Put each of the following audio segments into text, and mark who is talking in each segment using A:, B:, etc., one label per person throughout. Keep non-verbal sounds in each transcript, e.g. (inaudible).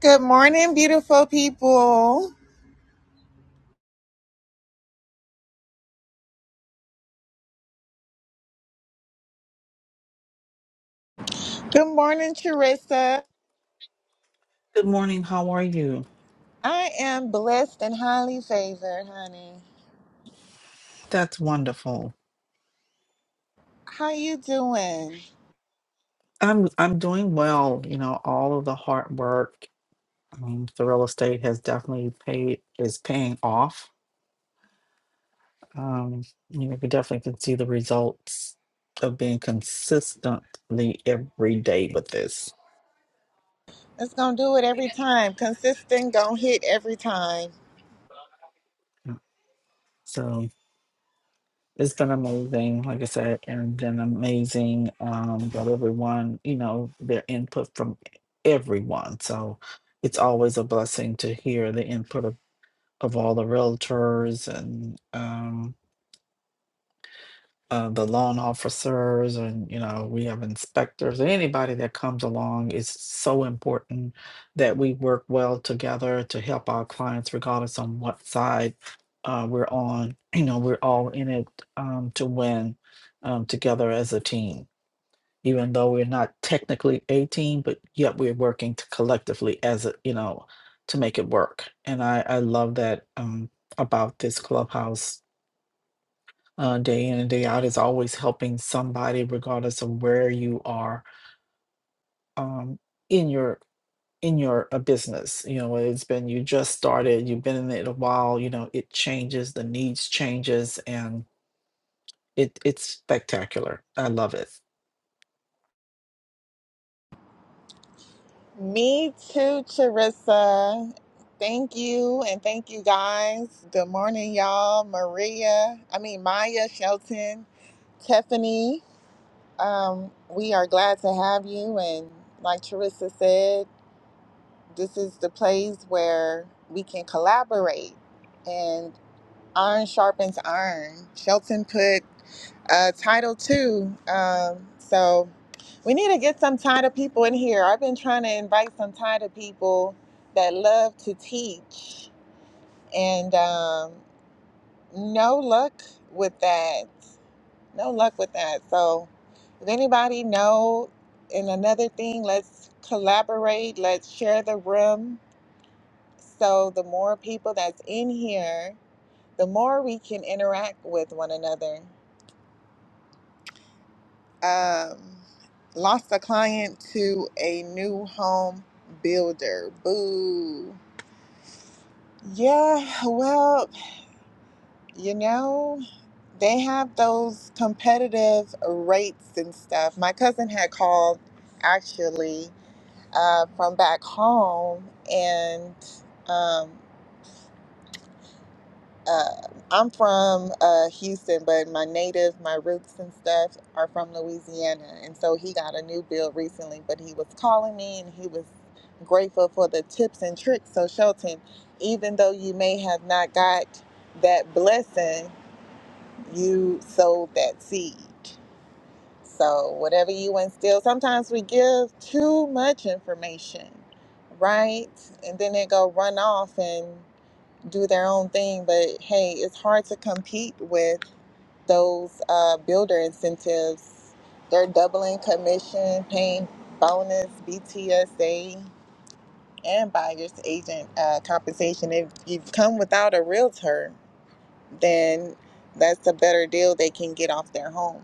A: Good morning, beautiful people. Good morning, Teresa.
B: Good morning. How are you?
A: I am blessed and highly favored, honey.
B: That's wonderful.
A: How you doing?
B: I'm I'm doing well. You know, all of the hard work um, the real estate has definitely paid is paying off. Um, you know, we definitely can see the results of being consistently every day with this.
A: It's gonna do it every time. Consistent, gonna hit every time.
B: Yeah. So it's been amazing, like I said, and been amazing um, that everyone, you know, their input from everyone. So it's always a blessing to hear the input of of all the realtors and um, uh, the loan officers, and you know, we have inspectors. and Anybody that comes along is so important that we work well together to help our clients, regardless on what side uh, we're on. (clears throat) You know, we're all in it um, to win um, together as a team even though we're not technically a team, but yet we're working to collectively as a you know to make it work. And I I love that um, about this clubhouse uh, day in and day out is always helping somebody regardless of where you are um, in your in your uh, business. You know whether it's been you just started, you've been in it a while. You know it changes, the needs changes, and. It it's spectacular. I love it.
A: Me too, Teresa. Thank you and thank you guys. Good morning, y'all. Maria, I mean Maya, Shelton, Tiffany. Um, we are glad to have you and like Teresa said. this is the place where we can collaborate and iron sharpens iron. Shelton put uh, title two. Um, so we need to get some title people in here. I've been trying to invite some title people that love to teach, and um, no luck with that. No luck with that. So if anybody know, and another thing, let's collaborate. Let's share the room so the more people that's in here, the more we can interact with one another. Um, lost a client to a new home builder. Boo. Yeah, well, you know, they have those competitive rates and stuff. My cousin had called actually uh, from back home and um, uh, I'm from uh, Houston, but my native, my roots and stuff are from Louisiana. And so he got a new build recently, but he was calling me and he was grateful for the tips and tricks. So, Shelton, even though you may have not got that blessing, you sowed that seed. So, whatever you instill, sometimes we give too much information, right? And then it go run off and do their own thing. But hey, it's hard to compete with those uh, builder incentives. They're doubling commission, paying bonus, BTSA, and buyer's agent uh, compensation. If you've come without a realtor, then that's a better deal they can get off their home.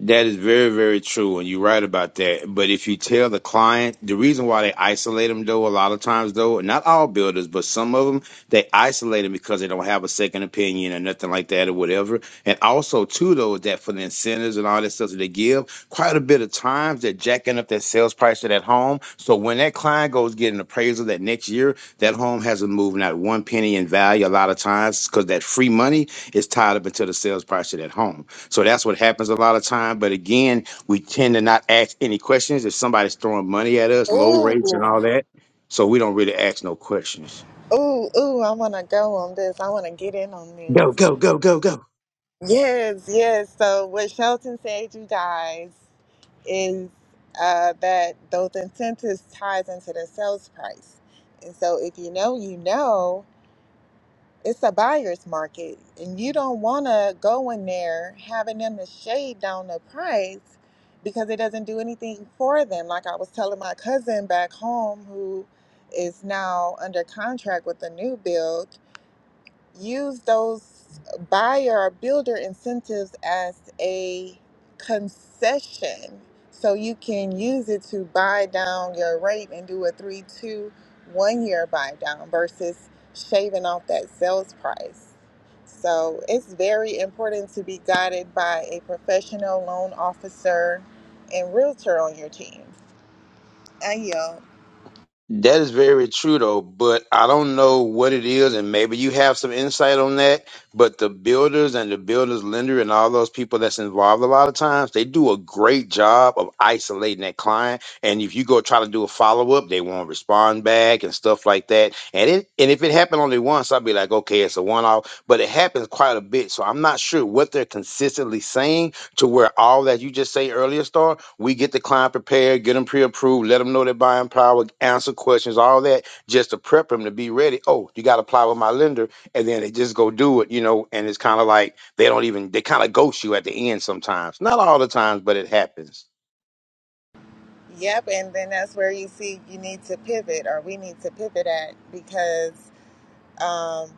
C: That is very, very true, and you're right about that. But if you tell the client, the reason why they isolate them, though, a lot of times, though, not all builders, but some of them, they isolate them because they don't have a second opinion or nothing like that or whatever. And also, too, though, is that for the incentives and all that stuff that they give, quite a bit of times they're jacking up that sales price of that home. So when that client goes get an appraisal that next year, that home hasn't moved not one penny in value a lot of times because that free money is tied up into the sales price of that home. So that's what happens a lot of time. But again, we tend to not ask any questions if somebody's throwing money at us, low rates and
A: Ooh,
C: all that. So we don't really ask no questions.
A: Ooh, ooh, I want to go on this. I want to get in on this.
C: Go, go, go, go, go.
A: Yes, yes. So, what Shelton said, you guys, is uh, that those incentives ties into the sales price. And so, if you know, you know, it's a buyer's market, and you don't want to go in there having them to shave down the price because it doesn't do anything for them. Like I was telling my cousin back home who is now under contract with a new build use those buyer or builder incentives as a concession so you can use it to buy down your rate and do a three two one year buy down versus shaving off that sales price so it's very important to be guided by a professional loan officer and realtor on your team i yield
C: That is very true though, but I don't know what it is, and maybe you have some insight on that. But the builders and the builders lender and all those people that's involved a lot of times, they do a great job of isolating that client. And if you go try to do a follow up, they won't respond back and stuff like that. And it and if it happened only once, I'd be like, okay, it's a one off. But it happens quite a bit, so I'm not sure what they're consistently saying to where all that you just say earlier, Star, we get the client prepared, get them pre-approved, let them know they're buying power, answer questions, all that, just to prep them to be ready. Oh, you got to apply with my lender, and then they just go do it, you know. And it's kind of like they don't even they kind of ghost you at the end sometimes. Not all the times, but it happens.
A: yep and then that's where you see you need to pivot or we need to pivot at because um,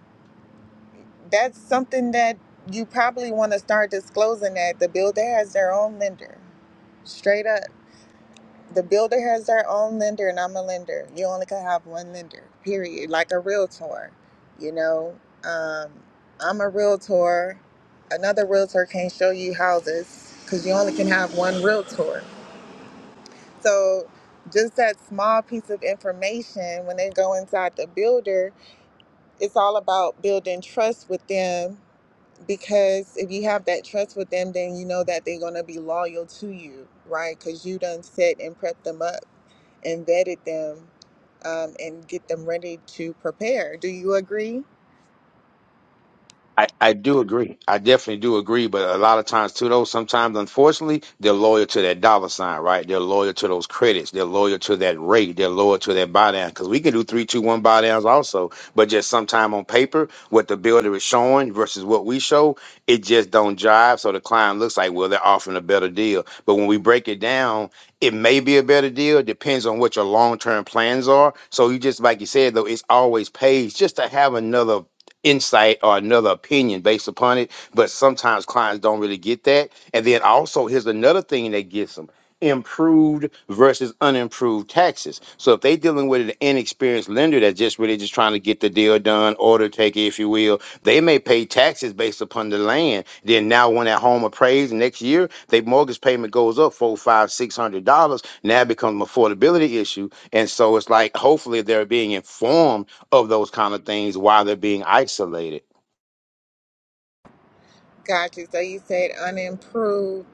A: that's something that you probably want to start disclosing that the builder has their own lender. Straight up. The builder has their own lender, and I'm a lender. You only can have one lender, period. Like a realtor, you know. Um, I'm a realtor. Another realtor can't show you houses because you only can have one realtor. So, just that small piece of information when they go inside the builder, it's all about building trust with them because if you have that trust with them then you know that they're going to be loyal to you right because you done set and prepped them up and vetted them um, and get them ready to prepare do you agree
C: I, I do agree. I definitely do agree. But a lot of times, too, though, sometimes, unfortunately, they're loyal to that dollar sign, right? They're loyal to those credits. They're loyal to that rate. They're loyal to that buy down. Because we can do three, two, one buy downs also. But just sometime on paper, what the builder is showing versus what we show, it just don't jive. So the client looks like, well, they're offering a better deal. But when we break it down, it may be a better deal. Depends on what your long term plans are. So you just, like you said, though, it's always pays just to have another insight or another opinion based upon it. But sometimes clients don't really get that. And then also, here's another thing that gets them improved versus unimproved taxes. So if they're dealing with an inexperienced lender that's just really just trying to get the deal done, order taker, if you will, they may pay taxes based upon the land. Then now when that home appraised next year, their mortgage payment goes up four, five, six hundred dollars. Now it becomes an affordability issue. And so it's like hopefully they're being informed of those kind of things while they're being isolated.
A: gotcha so you said unimproved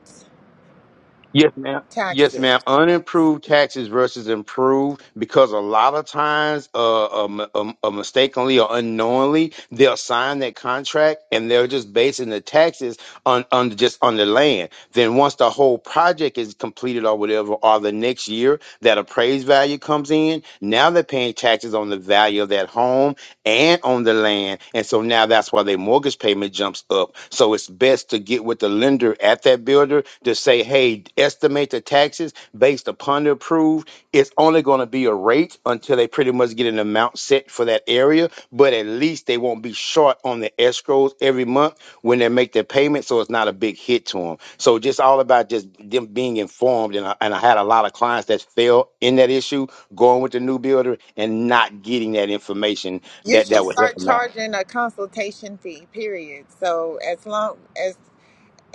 C: Yes, ma'am. Yes,
A: taxes
C: ma'am. Unimproved taxes versus improved because a lot of times, uh, um, um, uh, mistakenly or unknowingly, they'll sign that contract and they're just basing the taxes on, on just on the land. Then once the whole project is completed or whatever, or the next year that appraised value comes in, now they're paying taxes on the value of that home and on the land. And so now that's why their mortgage payment jumps up. So it's best to get with the lender at that builder to say, hey, estimate the taxes based upon the approved. It's only going to be a rate until they pretty much get an amount set for that area, but at least they won't be short on the escrows every month when they make their payment. So it's not a big hit to them. So just all about just them being informed. And I, and I had a lot of clients that fell in that issue going with the new builder and not getting that information
A: you
C: that that
A: should
C: would help
A: start
C: them out.
A: charging a consultation fee period so as long as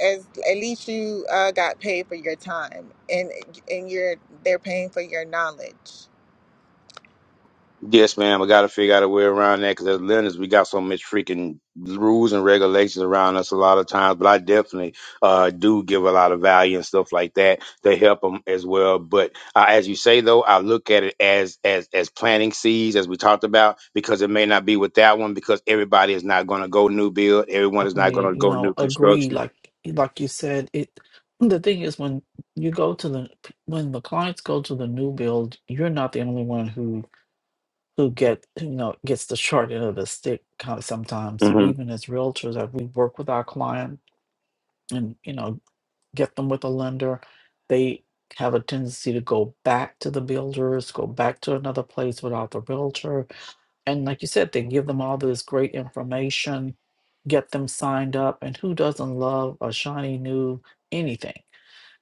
A: as at least you uh, got paid for your time and and you're they're paying for your knowledge
C: Yes, ma'am. I got to figure out a way around that because as lenders, we got so much freaking rules and regulations around us a lot of times. But I definitely uh, do give a lot of value and stuff like that to help them as well. But uh, as you say, though, I look at it as as as planting seeds, as we talked about, because it may not be with that one because everybody is not going to go new build. Everyone is not going to
B: Definitely, you
C: go new
B: know, agree.
C: construction.
B: Like like you said, it. The thing is, when you go to the when the clients go to the new build, you're not the only one who who get you know gets the short end of the stick. Kind of sometimes,
C: hmm
B: even as realtors, that we work with our client, and you know get them with a lender, they have a tendency to go back to the builders, go back to another place without the realtor. And like you said, they give them all this great information, get them signed up. And who doesn't love a shiny new anything?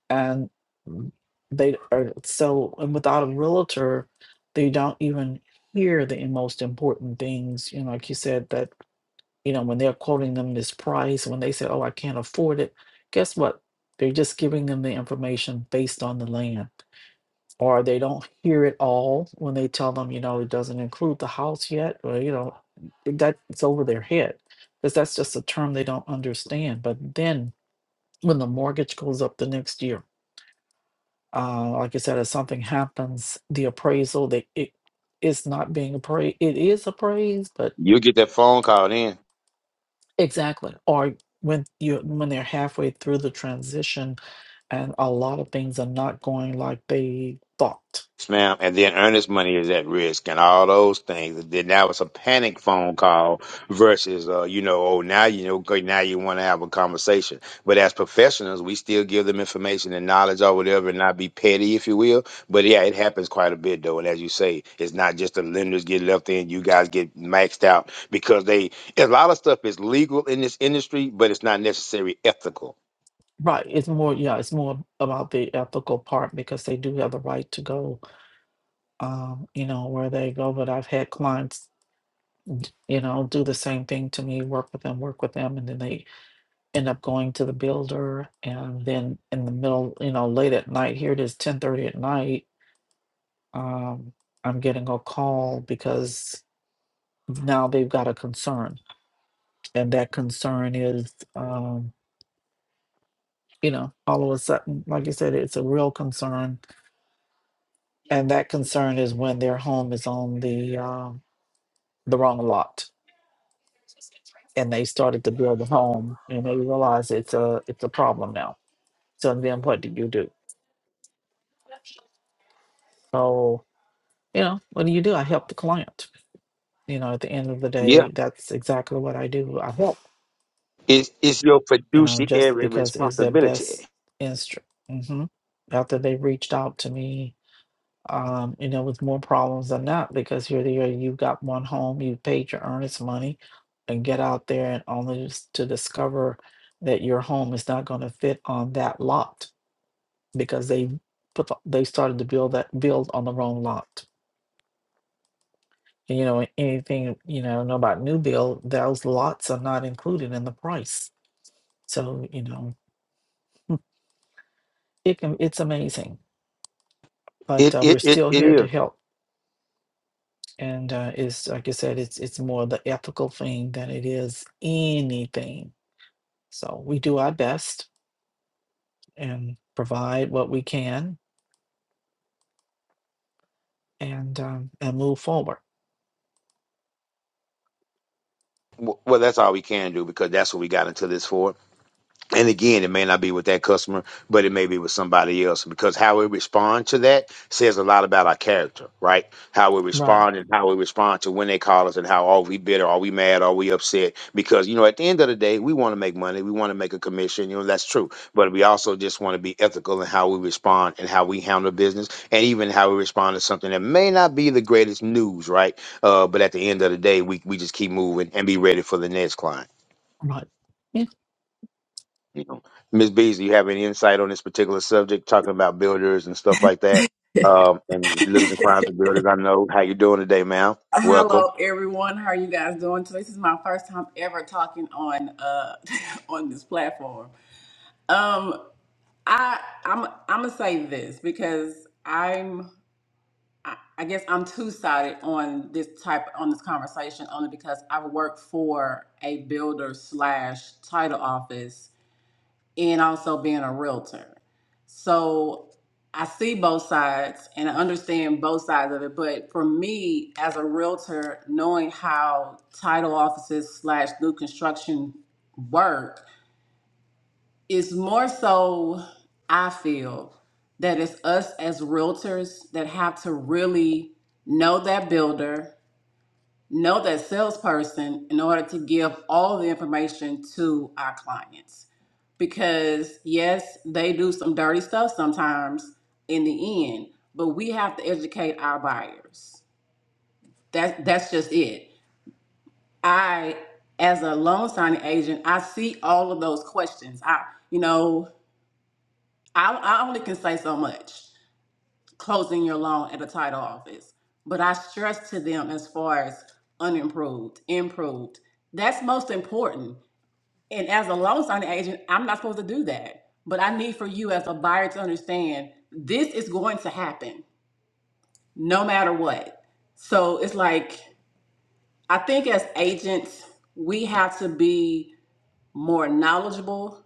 B: And mm, they are so, and without a realtor, they don't even hear the most important things. You know, like you said, that you know, when they're quoting them this price, when they say, oh, I can't afford it, guess what? They're just giving them the information based on the land. Or they don't hear it all when they tell them, you know, it doesn't include the house yet, or, you know, that's over their head because that's just a term they don't understand. But then when the mortgage goes up the next year, uh, like I said, if something happens, the appraisal, they, it, it's not being appraised. It is appraised, but
C: you get that phone call then.
B: Exactly. Or when you when they're halfway through the transition and a lot of things are not going like they thought.
C: Yes, ma'am. And then earnest money is at risk and all those things. And then now it's a panic phone call versus, uh, you know, oh, now you know, okay, now you want to have a conversation. But as professionals, we still give them information and knowledge or whatever and not be petty, if you will. But yeah, it happens quite a bit, though. And as you say, it's not just the lenders get left in, you guys get maxed out because they, a lot of stuff is legal in this industry, but it's not necessarily ethical.
B: Right. It's more yeah, it's more about the ethical part because they do have the right to go um, you know, where they go. But I've had clients, you know, do the same thing to me, work with them, work with them, and then they end up going to the builder and then in the middle, you know, late at night, here it is ten thirty at night, um, I'm getting a call because now they've got a concern and that concern is um you know all of a sudden like you said it's a real concern and that concern is when their home is on the um the wrong lot and they started to build a home and they realize it's a it's a problem now so then what do you do so you know what do you do i help the client you know at the end of the
C: Yeah.
B: day that's exactly what i do i help
C: It's, it's your
B: you know just
C: fiduciary
B: because it's their
C: responsibility.
B: best instrument hmm after they reached out to me um, you know, with more problems than not because you're there, you've got one home, you paid your earnest money and get out there and only just to discover that your home is not going to fit on that lot because they put the, they started to build that build on the wrong lot. And, You know, a- anything you know, know about new build, those lots are not included in the price. So, you know, it can it's amazing. But
C: It,
B: uh,
C: it,
B: we're
C: it,
B: still
C: it
B: here to
C: is.
B: help and uh, it's like I said, it's it's more the ethical thing than it is anything. So we do our best and provide what we can and um, and move forward.
C: Well, that's all we can do because that's what we got into this for. And again, it may not be with that customer, but it may be with somebody else because how we respond to that says a lot about our character, right? How we
B: Right,
C: respond and how we respond to when they call us and how are we bitter? Are we mad? Are we upset? Because, you know, at the end of the day, we want to make money. We want to make a commission. You know, that's true. But we also just want to be ethical in how we respond and how we handle business and even how we respond to something that may not be the greatest news, right? Uh, but at the end of the day, we, we just keep moving and be ready for the next client.
B: right. Yeah,
C: You know, Ms. Bees, you have any insight on this particular subject, talking about builders and stuff like that,
D: (laughs)
C: um, and losing clients and builders? I know how you doing today, ma'am. Welcome.
D: Hello, everyone. How are you guys doing? So this is my first time ever talking on uh (laughs) on this platform. Um, I I'm I'm gonna say this because I'm I, I guess I'm two sided on this type on this conversation only because i work for a builder slash title office and also being a realtor. So I see both sides and I understand both sides of it. But for me, as a realtor, knowing how title offices slash new construction work is more so, I feel, that it's us as realtors that have to really know that builder know that salesperson in order to give all the information to our clients. Because yes, they do some dirty stuff sometimes in the end, but we have to educate our buyers. That that's just it. I as a loan signing agent, I see all of those questions. I you know, I, I only can say so much. closing your loan at a title office. But I stress to them as far as unimproved, improved. That's most important. And as a loan signing agent, I'm not supposed to do that. But I need for you as a buyer to understand this is going to happen no matter what. So it's like, I think as agents, we have to be more knowledgeable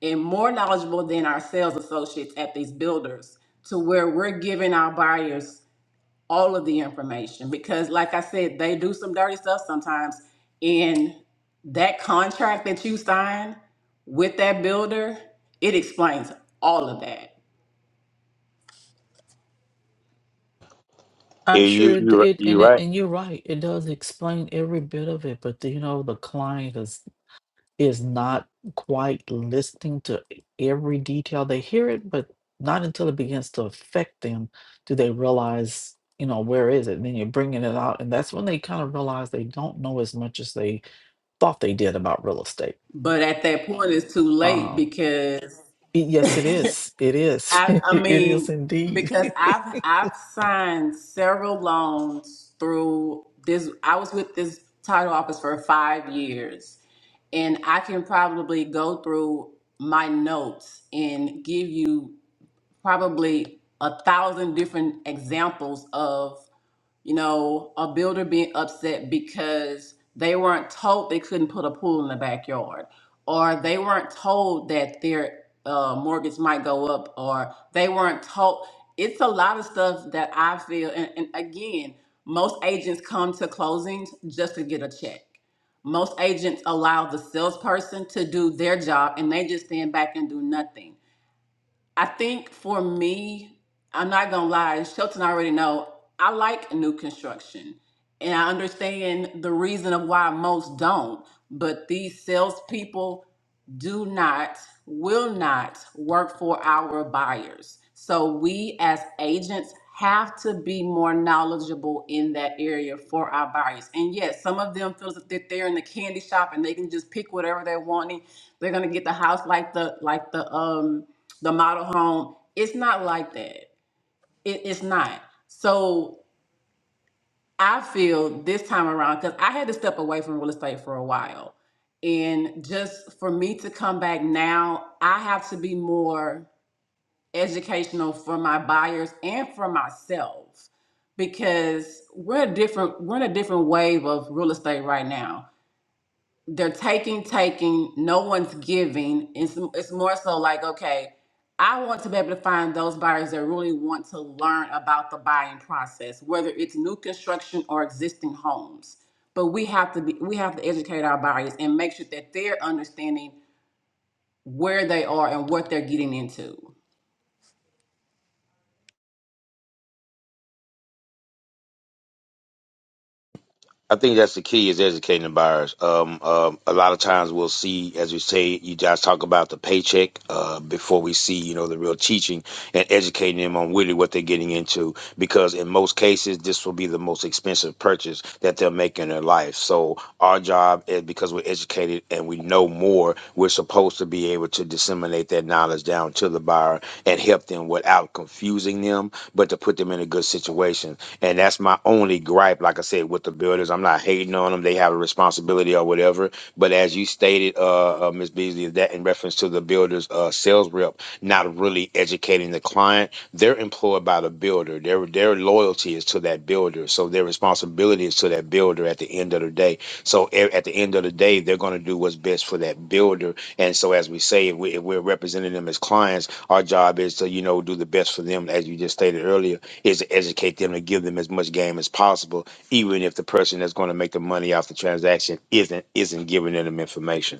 D: and more knowledgeable than our sales associates at these builders to where we're giving our buyers all of the information because like I said, they do some dirty stuff sometimes and that contract that you sign with that builder, it explains all of that.
C: Yeah,
B: I'm sure
C: You
B: it,
C: you
B: it
C: you
B: and
C: right.
B: it, and you're right. It does explain every bit of it, but the, you know the client is is not quite listening to every detail. They hear it, but not until it begins to affect them do they realize, you know, where is it? And then you're bringing it out. And that's when they kind of realize they don't know as much as they thought they did about real estate.
D: But at that point it's too late
B: Uh,
D: because
B: y-
D: (laughs)
B: yes, it
D: I
B: is. It is. (laughs) it
D: I
B: is
D: mean
B: indeed.
D: because
B: (laughs)
D: I've I've signed several loans through this I was with this title office for 5 years and I can probably go through my notes and give you probably a thousand different examples of you know a builder being upset because they weren't told they couldn't put a pool in the backyard or they weren't told that their uh, mortgage might go up or they weren't told it's a lot of stuff that i feel and, and again most agents come to closings just to get a check most agents allow the salesperson to do their job and they just stand back and do nothing I think for me, I'm not gonna lie, Shelton already know I like new construction. And I understand the reason of why most don't, but these salespeople do not, will not work for our buyers. So we as agents have to be more knowledgeable in that area for our buyers. And yes, some of them feels that they're in the candy shop and they can just pick whatever they want they're gonna get the house like the like the um the model home. It's not like that. It, it's not. So I feel this time around because I had to step away from real estate for a while, and just for me to come back now, I have to be more educational for my buyers and for myself because we're a different we're in a different wave of real estate right now they're taking, taking, no one's giving. It's, it's more so like, okay, I want to be able to find those buyers that really want to learn about the buying process, whether it's new construction or existing homes. But we have to be, we have to educate our buyers and make sure that they're understanding where they are and what they're getting into.
C: I think that's the key is educating the buyers. Um, um, a lot of times we'll see, as we say, you guys talk about the paycheck uh, before we see, you know, the real teaching and educating them on really what they're getting into. Because in most cases, this will be the most expensive purchase that they'll make in their life. So our job is because we're educated and we know more, we're supposed to be able to disseminate that knowledge down to the buyer and help them without confusing them, but to put them in a good situation and that's my only gripe, like I said, with the builders. I'm not hating on them. They have a responsibility or whatever. But as you stated, uh, uh Ms. Beasley, that in reference to the builder's uh, sales rep not really educating the client, they're employed by the builder. Their their loyalty is to that builder. So their responsibility is to that builder at the end of the day. So a- at the end of the day, they're going to do what's best for that builder. And so, as we say, if, we, if we're representing them as clients, our job is to, you know, do the best for them, as you just stated earlier is to educate them to give them as much game as possible, even if the person that's going to make the money off the transaction isn't isn't giving them information.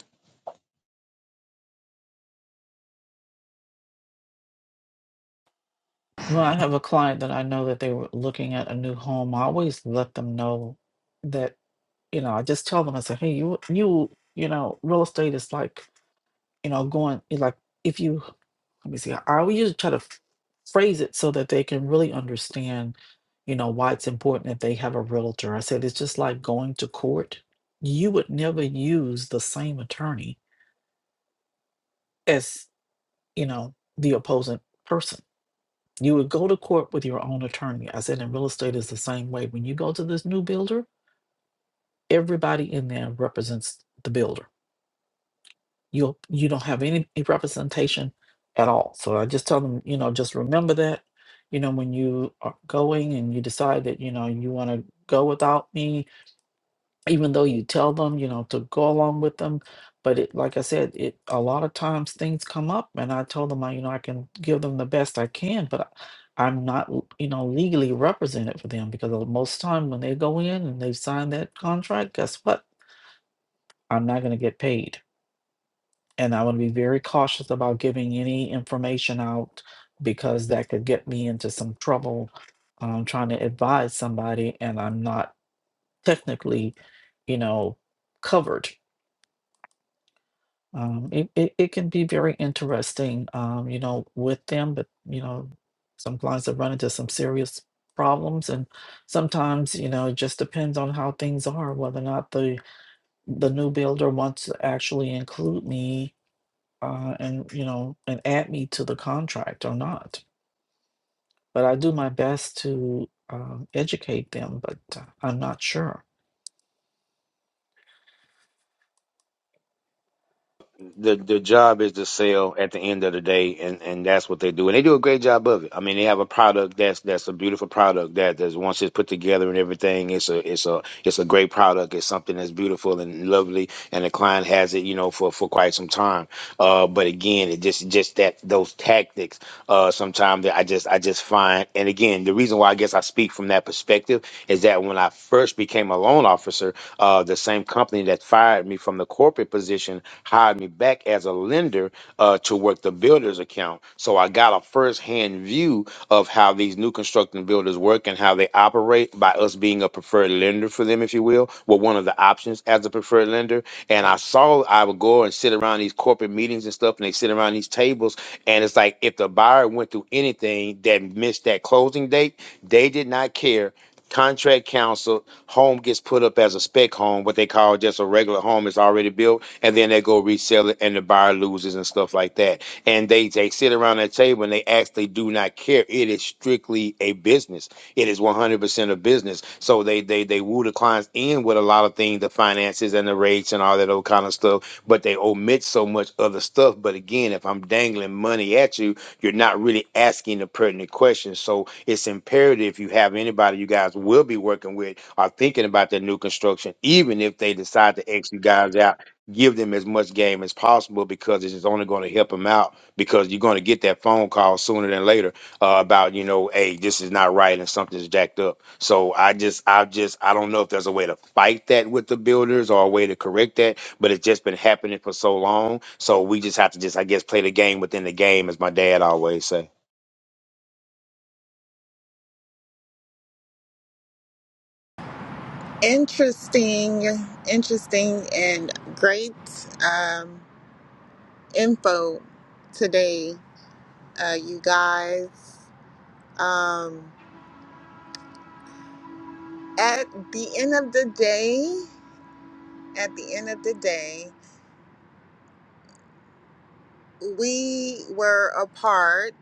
B: When I have a client that I know that they were looking at a new home, I always let them know that, you know, I just tell them, I say, hey, you, you, you know, real estate is like, you know, going, it's like, if you let me see. I always usually try to f- phrase it so that they can really understand, you know, why it's important that they have a realtor. I said it's just like going to court. You would never use the same attorney as, you know, the opposing person. You would go to court with your own attorney. I said in real estate is the same way. When you go to this new builder, everybody in there represents the builder you you don't have any representation at all. So I just tell them, you know, just remember that, you know, when you are going and you decide that, you know, you want to go without me, even though you tell them, you know, to go along with them. But it, like I said, it a lot of times things come up, and I told them, I, you know, I can give them the best I can, but I, I'm not, l- you know, legally represented for them because most time when they go in and they sign that contract, guess what? I'm not going to get paid and I want to be very cautious about giving any information out because that could get me into some trouble um, trying to advise somebody and I'm not technically, you know, covered. Um, it, it, it can be very interesting, um, you know, with them, but, you know, some clients have run into some serious problems and sometimes you know it just depends on how things are whether or not the the new builder wants to actually include me uh, and you know and add me to the contract or not but i do my best to um, educate them but uh, i'm not sure
C: the the job is to sell at the end of the day, and and that's what they do, and they do a great job of it. I mean, they have a product that's that's a beautiful product that that's once it's put together and everything, it's a it's a it's a great product. It's something that's beautiful and lovely, and the client has it, you know, for for quite some time. Uh, but again, it just just that those tactics, uh, sometimes that I just I just find, and again, the reason why I guess I speak from that perspective is that when I first became a loan officer, uh, the same company that fired me from the corporate position hired me back as a lender uh, to work the builder's account. So I got a first-hand view of how these new constructing builders work and how they operate by us being a preferred lender for them, if you will, well, one of the options as a preferred lender. And I saw I would go and sit around these corporate meetings and stuff, and they sit around these tables, and it's like if the buyer went through anything that missed that closing date, they did not care. Contract counsel, home gets put up as a spec home, what they call just a regular home. It's already built and then they go resell it and the buyer loses and stuff like that. And they they sit around that table and they actually do not care. It is strictly a business. It is 100% a business. So they they they woo the clients in with a lot of things, the finances and the rates and all that old kind of stuff, but they omit so much other stuff. But again, if I'm dangling money at you, you're not really asking the pertinent questions. So it's imperative if you have anybody you guys will be working with are thinking about their new construction, even if they decide to X you guys out give them as much game as possible because it's only going to help them out because you're going to get that phone call sooner than later uh, about you know hey this is not right and something's jacked up so i just i just i don't know if there's a way to fight that with the builders or a way to correct that but it's just been happening for so long so we just have to just i guess play the game within the game as my dad always say
A: interesting interesting and great um, info today uh, you guys um, at the end of the day at the end of the day, we were a part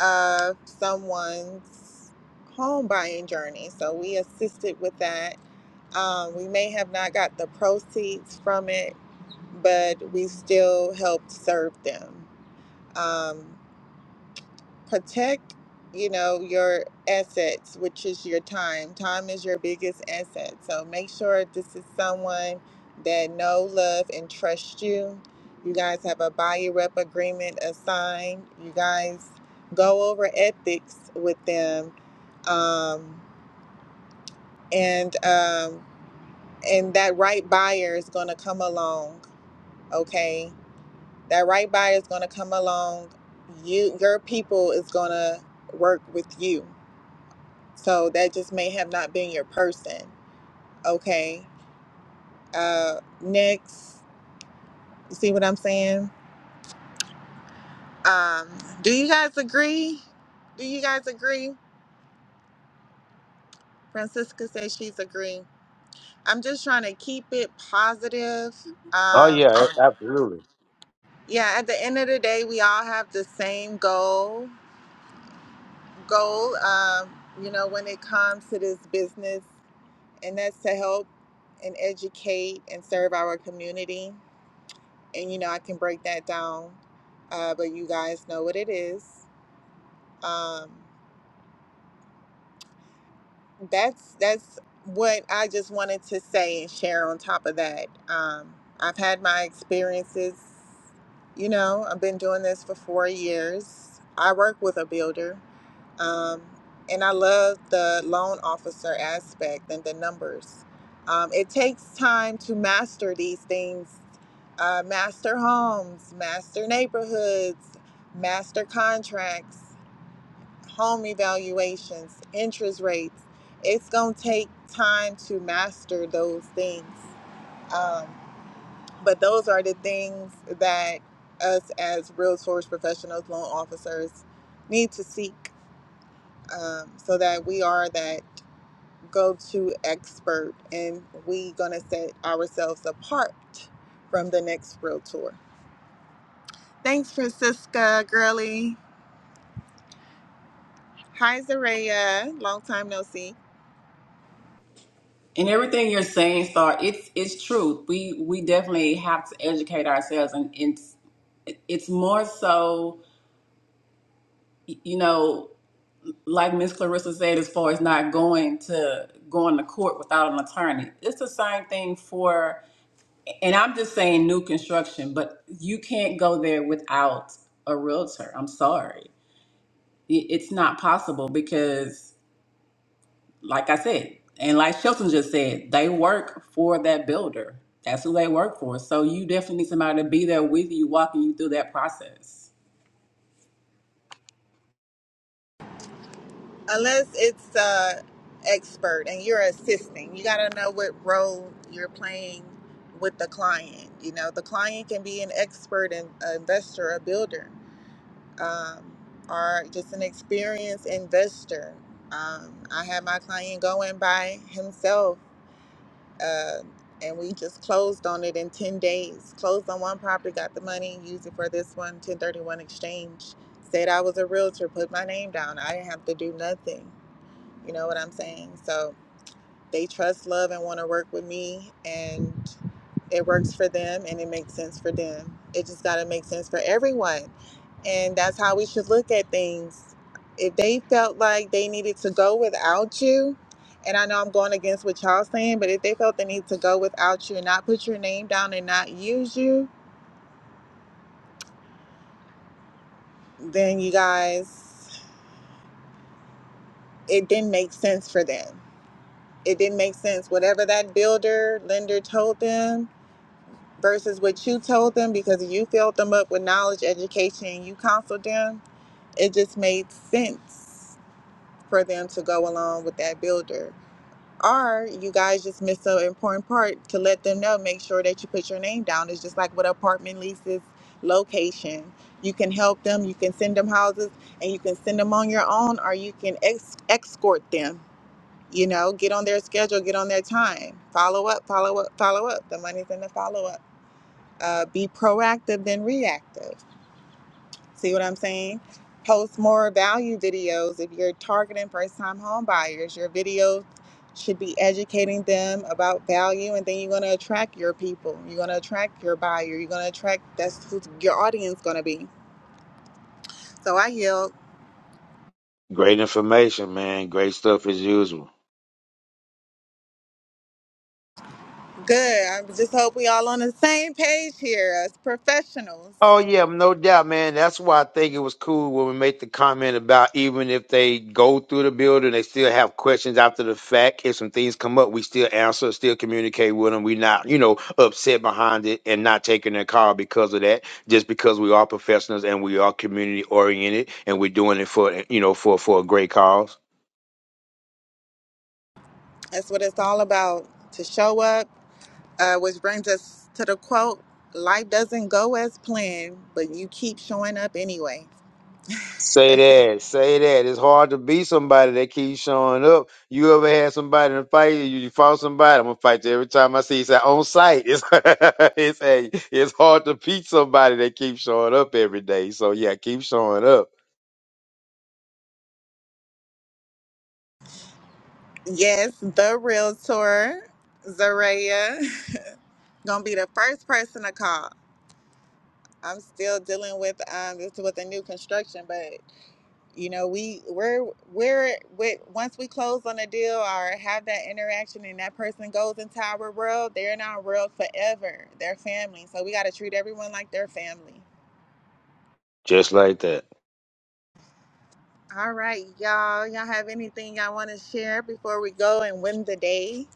A: of someone's home buying journey. So we assisted with that. Um, we may have not got the proceeds from it, but we still helped serve them. Um, protect you know your assets which is your time time is your biggest asset so make sure this is someone that know love and trust you you guys have a buyer rep agreement assigned you guys go over ethics with them um, and um, and that right buyer is going to come along okay that right buyer is going to come along you your people is going to work with you So that just may have not been your person. Okay. Uh, next, you see what I'm saying? Um, do you guys agree? Do you guys agree? Francisca says she's agreeing. I'm just trying to keep it positive.
C: Oh
A: Um,
C: yeah, a- absolutely.
A: yeah, at the end of the day, we all have the same goal. Goal, um, you know, when it comes to this business, and that's to help and educate and serve our community. and you know I can break that down, uh, but you guys know what it is. Um, that's that's what I just wanted to say and share. On top of that, um, I've had my experiences. You know, I've been doing this for four years. I work with a builder, Um, and I love the loan officer aspect and the numbers. Um, it takes time to master these things, uh, master homes, master neighborhoods, master contracts, home evaluations, interest rates. It's going to take time to master those things. Um, but those are the things that us as realtors, professionals, loan officers, need to seek um, so that we are that go-to expert and we gonna set ourselves apart from the next realtor. Thanks, Francisca Gurley. Hi, Zaria. Long time no see.
D: And everything you're saying, Star, it's it's truth. We we definitely have to educate ourselves, and it's it's more so, y- you know. like Miss Clarissa said, as far as not going to going to court without an attorney, it's the same thing for. And I'm just saying new construction, but you can't go there without a realtor. I'm sorry, It- it's not possible because, like I said, and like Shelton just said, they work for that builder. That's who they work for. So you definitely need somebody to be there with you, walking you through that process.
A: Unless it's uh, expert and you're assisting, you gotta know what role you're playing with the client. You know, the client can be an expert, an investor, a builder um, or just an experienced investor. Um, I had my client going by himself, uh, and we just closed on it in 10 days. Closed on one property, got the money, used it for this one, 1031 exchange. Said I was a realtor, put my name down. I didn't have to do nothing. You know what I'm saying? So, they trust love and want to work with me and it works for them and it makes sense for them it just got to make sense for everyone and that's how we should look at things if they felt like they needed to go without you and i know i'm going against what y'all saying but if they felt the need to go without you and not put your name down and not use you then you guys it didn't make sense for them it didn't make sense whatever that builder lender told them versus what you told them because you filled them up with knowledge, education, and you counseled them, it just made sense for them to go along with that builder. Or you guys just missed an important part to let them know, make sure that you put your name down. It's just like with apartment leases, location. You can help them, you can send them houses, and you can send them on your own, or you can ex- escort them. You know, get on their schedule, get on their time, follow up, follow up, follow up. The money's in the follow up uh, be proactive than reactive. See what I'm saying? Post more value videos. If you're targeting first time home buyers, your videos should be educating them about value and then you're going to attract your people. You're going to attract your buyer. You're going to attract that's who your audience going to be. So I yield.
C: great information man great stuff as usual
A: Good. I just hope we all on the same page here as professionals.
C: Oh yeah, no doubt, man. That's why I think it was cool when we made the comment about even if they go through the building, they still have questions after the fact. If some things come up, we still answer, still communicate with them. we not, you know, upset behind it and not taking their call because of that. Just because we are professionals and we are community oriented and we're doing it for you know for for a great cause.
A: That's what it's all about to show up Uh, which brings us to the quote Life doesn't go as planned, but you keep showing up anyway. (laughs)
C: Say that, say that. It's hard to be somebody that keeps showing up. You ever had somebody in a fight? You, you fought somebody. I'm gonna fight you every time I see you. It's like, on sight. It's (laughs) it's a, it's hard to beat somebody that keeps showing up every day. So yeah, keep showing up.
A: Yes, the realtor, Zaria, (laughs) gonna be the first person to call. I'm still dealing with um this with the new construction, but you know we we're we're with once we close on a deal or have that interaction and that person goes into our world, they're in our world forever. They're family, so we gotta treat everyone like they're family.
C: Just like that.
A: All right, y'all. Y'all have anything y'all want to share before we go and win the day?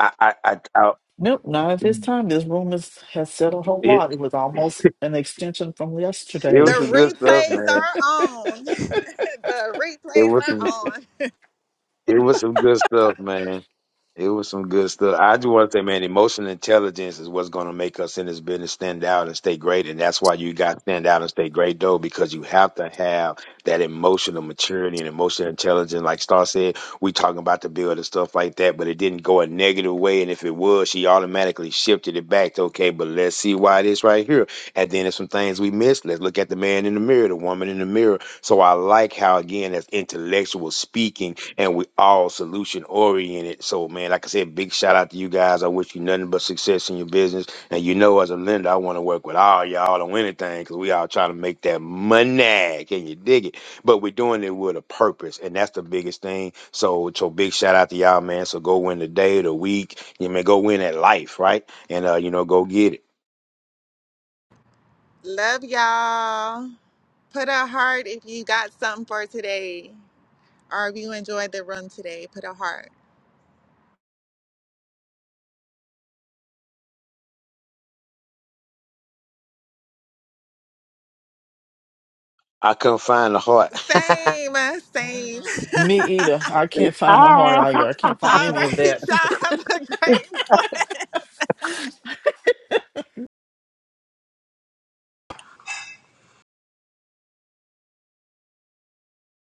C: I I I, I
B: nope not at this time this room is, has said a whole
C: it
B: lot it was almost an extension from
C: it
A: The
C: was
B: yesterday
C: some good stuff,
A: replays
C: man.
A: are on. (laughs) the
C: It
A: replays
C: was
A: are
C: some
A: on.
C: it was some good stuff, man. It was some good stuff. I just want to say, man, emotional intelligence is what's going to make us in this business stand out and stay great. And that's why you got to stand out and stay great, though, because you have to have that emotional maturity and emotional intelligence. Like Star said, we talking about the build and stuff like that, but it didn't go a negative way. And if it was, she automatically shifted it back to, okay, but let's see why this right here. And then there's some things we missed. Let's look at the man in the mirror, the woman in the mirror. So I like how, again, that's intellectual speaking and we all solution oriented. So, man, like I said, big shout out to you guys. I wish you nothing but success in your business. And you know, as a lender, I want to work with all y'all on anything because we all trying to make that money. Can you dig it? But we're doing it with a purpose, and that's the biggest thing. So, so big shout out to y'all, man. So go win the day, the week. You may go win at life, right? And uh, you know, go get it.
A: Love y'all. Put a heart if you got something for today or if you enjoyed the room today. Put a heart.
C: I couldn't find the heart. (laughs)
A: Same, same.
B: (laughs)
A: (laughs)
B: me either i can't find a heart either i can't find
A: All
B: any of
A: right,
B: that (laughs)
A: y'all have a great one.